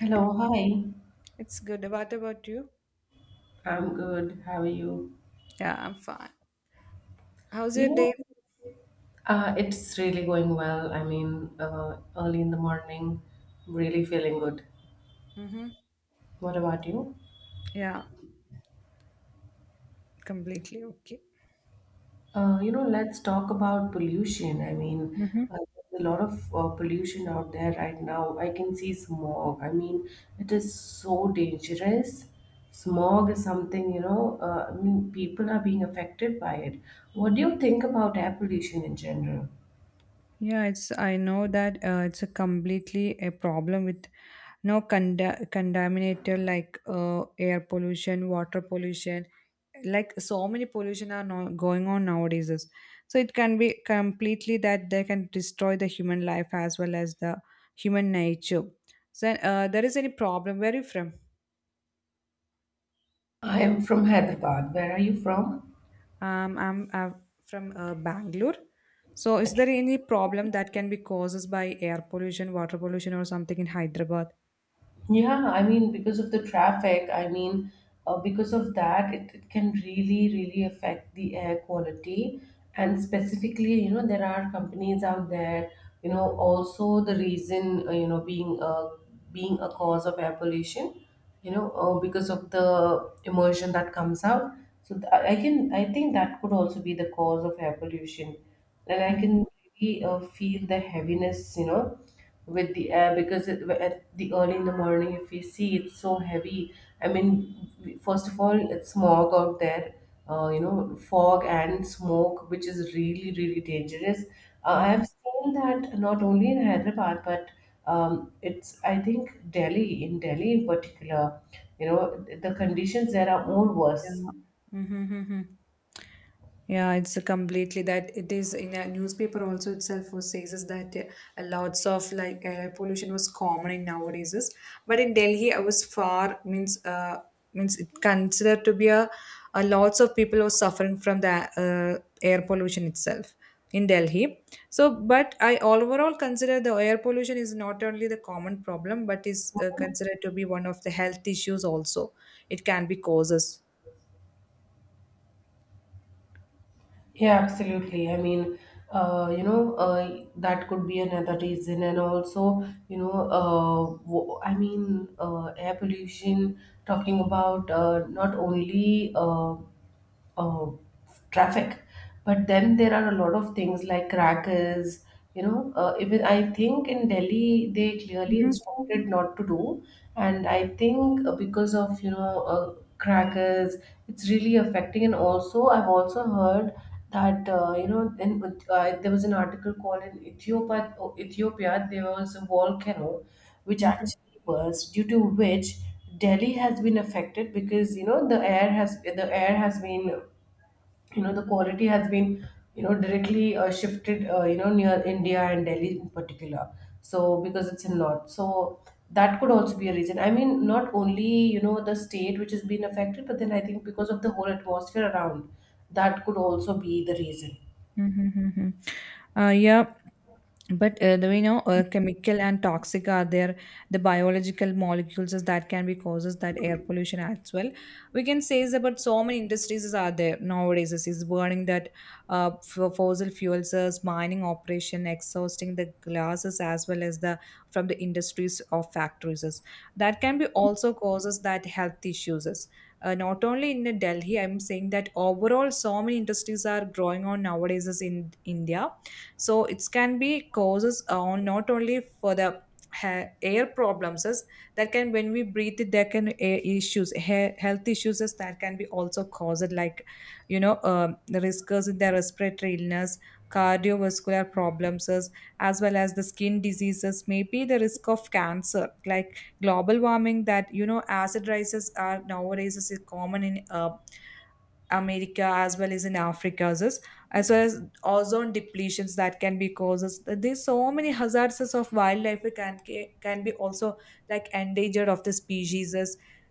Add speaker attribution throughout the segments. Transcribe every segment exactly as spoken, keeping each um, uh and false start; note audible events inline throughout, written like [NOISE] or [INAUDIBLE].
Speaker 1: Hello, hi.
Speaker 2: It's good. What about you?
Speaker 1: I'm good. How are you?
Speaker 2: Yeah, I'm fine. How's
Speaker 1: You
Speaker 2: your
Speaker 1: know,
Speaker 2: day?
Speaker 1: uh, it's really going well. I mean, uh, early in the morning, really feeling good.
Speaker 2: Mm-hmm.
Speaker 1: What about you?
Speaker 2: Yeah. Completely okay.
Speaker 1: Uh, you know, let's talk about pollution. I mean,
Speaker 2: Mm-hmm.
Speaker 1: uh, there's a lot of uh, pollution out there right now. I can see smog. I mean, it is so dangerous. Smog is something, you know, uh, I mean, people are being affected by it. What do you think about air pollution in general?
Speaker 2: Yeah, it's I know that uh, it's a completely a problem with no conda- contaminator like uh, air pollution, water pollution, like so many pollution are now going on nowadays. is- So it can be completely that they can destroy the human life as well as the human nature. So uh, there is any problem? Where are you from?
Speaker 1: I am from Hyderabad. Where are you from?
Speaker 2: Um, I'm, uh from uh, Bangalore. So, is there any problem that can be caused by air pollution, water pollution, or something in Hyderabad?
Speaker 1: Yeah, I mean, because of the traffic, I mean, uh, because of that, it, it can really, really affect the air quality. And specifically, you know, there are companies out there, you know, also the reason, uh, you know, being uh, being a cause of air pollution, you know, uh, because of the emulsion that comes out. So th- I I can, I think that could also be the cause of air pollution. And I
Speaker 2: Mm-hmm.
Speaker 1: can really uh, feel the heaviness, you know, with the air because it, at the early in the morning if we see it's so heavy. I mean, we- first of all, it's smog out there. uh, you know, fog and smoke, which is really, really dangerous. uh, I
Speaker 2: Mm-hmm.
Speaker 1: have seen that not only in Hyderabad but um, it's, I think, Delhi, in Delhi in particular, you know, the conditions there are more worse.
Speaker 2: Yeah. Mm-hmm. Yeah, it's completely that it is in a newspaper also itself was says is that uh, lots of like air pollution was common in nowadays is, but in Delhi I was far means uh means it considered to be a, a lots of people were suffering from the uh, air pollution itself in Delhi. So, but I overall consider the air pollution is not only the common problem, but is uh, considered to be one of the health issues also. It can be causes.
Speaker 1: Yeah, absolutely. I mean, uh, you know, uh, that could be another reason, and also, you know, uh, wo- I mean, uh, air pollution. Talking about uh, not only uh, uh, traffic. But then there are a lot of things like crackers. You know, uh, even I think in Delhi they clearly instructed not to do, and I think uh, because of, you know, uh, crackers, it's really affecting. And also, I've also heard that uh, you know, in, uh, there was an article called in Ethiopia. Oh, Ethiopia, there was a volcano which
Speaker 2: Mhm.
Speaker 1: actually burst, due to which Delhi has been affected, because you know the air has the air has been, you know, the quality has been, you know, directly uh, shifted, uh, you know, near India and Delhi in particular. So because it's in north, so that could also be a reason. I mean, not only, you know, the state which has been affected, but then I think because of the whole atmosphere around, that could also be the reason.
Speaker 2: Mm-hmm. mm-hmm. Uh, yeah, but uh, the, we know uh, chemical and toxic are there. The biological molecules is that can be causes that air pollution as well. We can say is about so many industries is are there nowadays. Is is burning that uh, f- fossil fuels, is mining operation, exhausting the glasses as well as the from the industries of factories. Is. That can be also causes that health issues. Is uh, Not only in uh, Delhi, I'm saying that overall, so many industries are growing on nowadays is in India. So it can be causes uh, on not only for the ha- air problems is that can when we breathe it there can air issues hair, health issues is that can be also caused like you know um, the riskers in their respiratory illness, cardiovascular problems is, as well as the skin diseases, maybe the risk of cancer like global warming that you know acid rises are nowadays is common in uh, America as well as in Africa, as is- as well as ozone depletions that can be causes. There's so many hazards of wildlife can can be also like endangered of the species.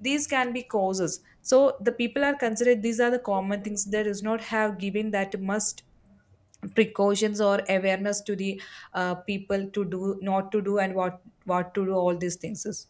Speaker 2: These can be causes. So the people are considered these are the common things. There is not have given that must precautions or awareness to the uh, people to do not to do and what what to do all these things is.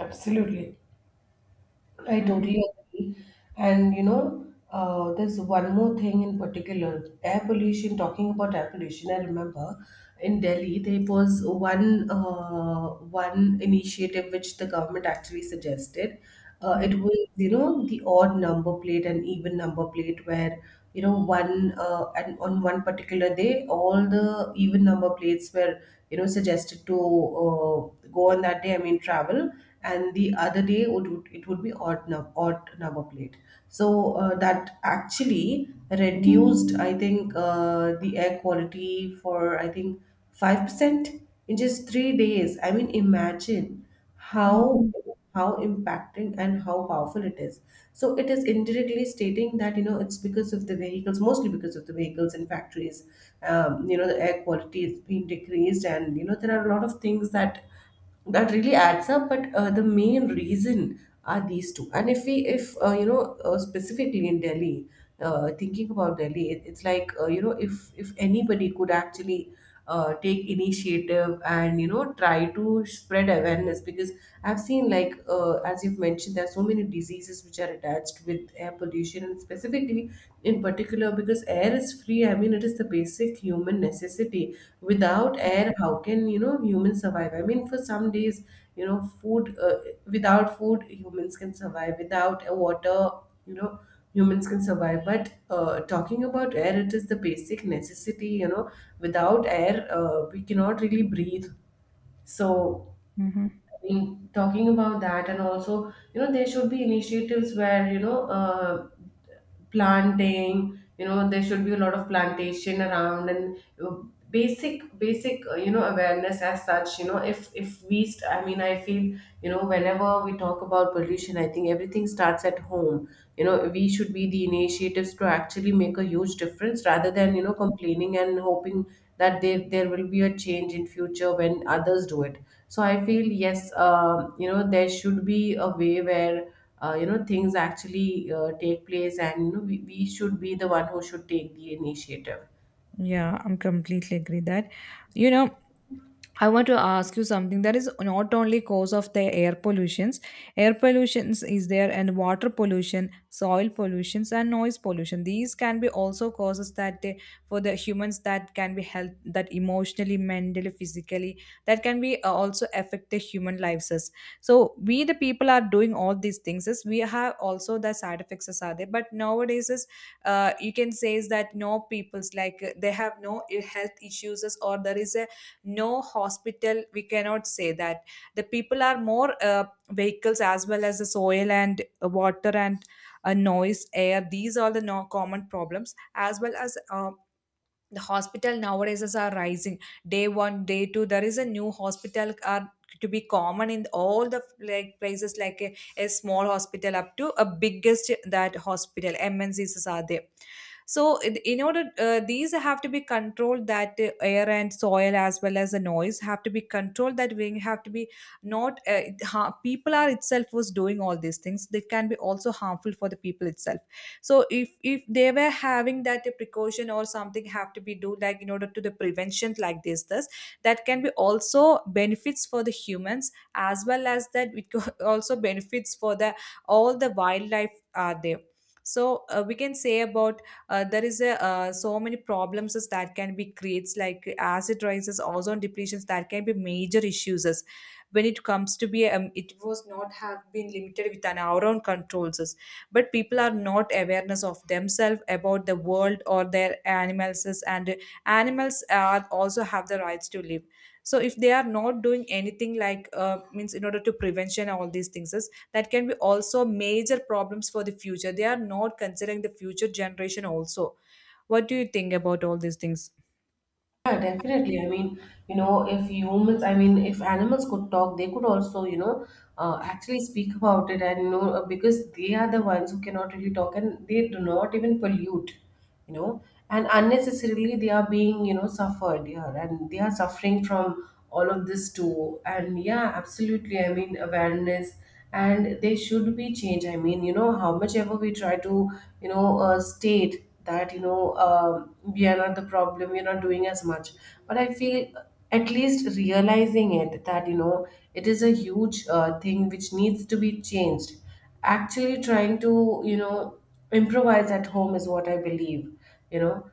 Speaker 1: Absolutely, I totally agree. And you know, uh, there's one more thing in particular. Air pollution, talking about air pollution, I remember in Delhi there was one uh, one initiative which the government actually suggested. Uh, it
Speaker 2: Mhm.
Speaker 1: was, you know, the odd number plate and even number plate where, you know, one uh, and on one particular day, all the even number plates were, you know, suggested to uh, go on that day, I mean, travel, and the other day it would, it would be odd, num- odd number plate. So uh, that actually reduced, I think, uh, the air quality for, I think, five percent in just three days. I mean, imagine how how impacting and how powerful it is. So it is indirectly stating that you know it's because of the vehicles, mostly because of the vehicles and factories. Um, you know, the air quality has been decreased, and you know there are a lot of things that that really adds up. But uh, the main reason are these two. And if we if uh, you know, uh, specifically in Delhi, uh, thinking about Delhi, it, it's like, uh, you know, if if anybody could actually uh, take initiative and you know try to spread awareness, because I've seen, like, uh, as you've mentioned, there are so many diseases which are attached with air pollution, and specifically in particular because air is free. I mean, it is the basic human necessity. Without air, how can, you know, humans survive? I mean, for some days, you know, food uh, without food humans can survive, without uh, water, you know, humans can survive. But uh, talking about air, it is the basic necessity. You know, without air, uh, we cannot really breathe. So
Speaker 2: Mhm.
Speaker 1: I mean, talking about that, and also you know there should be initiatives where, you know, uh, planting, you know, there should be a lot of plantation around. And uh, basic basic uh, you know, awareness as such. You know, if if we st- I mean, I feel, you know, whenever we talk about pollution, I think everything starts at home. You know, we should be the initiatives to actually make a huge difference rather than, you know, complaining and hoping that there there will be a change in future when others do it. So I feel, yes, um, you know, there should be a way where, uh, you know, things actually uh, take place, and you know we, we should be the one who should take the initiative.
Speaker 2: Yeah, I'm completely agree that. You know, I want to ask you something that is not only cause of the air pollutions. Air pollutions is there and water pollution, soil pollutions and noise pollution. These can be also causes that they, for the humans that can be health that emotionally, mentally, physically that can be uh, also affect the human lives. As. So we the people are doing all these things. As we have also the side effects as are there, but nowadays uh, you can say is that no people's like uh, they have no ill health issues is- or there is a no hospital, we cannot say that the people are more uh, vehicles as well as the soil and uh, water and uh, noise air, these are the no common problems as well as uh, the hospital nowadays is are rising day one day two, there is a new hospital are to be common in all the like places, like a, a small hospital up to a biggest that hospital M N C's are there. So in in order uh, these have to be controlled that uh, air and soil as well as the noise have to be controlled, that we have to be not uh, ha- people are itself was doing all these things they can be also harmful for the people itself. So if if they were having that uh, precaution or something have to be do like in order to the prevention like this this that can be also benefits for the humans as well as that it co- [LAUGHS] also benefits for the all the wildlife are there. So uh, we can say about uh, there is a uh, so many problems is that can be creates like acid rises, ozone depletions that can be major issues is, when it comes to be um, it was not have been limited with an our own controls is. But people are not awareness of themselves about the world or their animals is, and animals are also have the rights to live. So if they are not doing anything like uh, means in order to prevention all these things is, that can be also major problems for the future, they are not considering the future generation also. What do you think about all these things?
Speaker 1: Yeah, definitely. I mean, you know, if humans, I mean, if animals could talk, they could also, you know, uh, actually speak about it. And you know, uh, because they are the ones who cannot really talk, and they do not even pollute, you know. And unnecessarily they are being, you know, suffered here, and they are suffering from all of this too. And yeah, absolutely, I mean, awareness. And there should be change. I mean, you know, how much ever we try to, you know, uh, state that, you know, um we are not the problem, we're not doing as much. But I feel at least realizing it, that you know it is a huge uh, thing which needs to be changed, actually trying to, you know, improvise at home is what I believe. You know,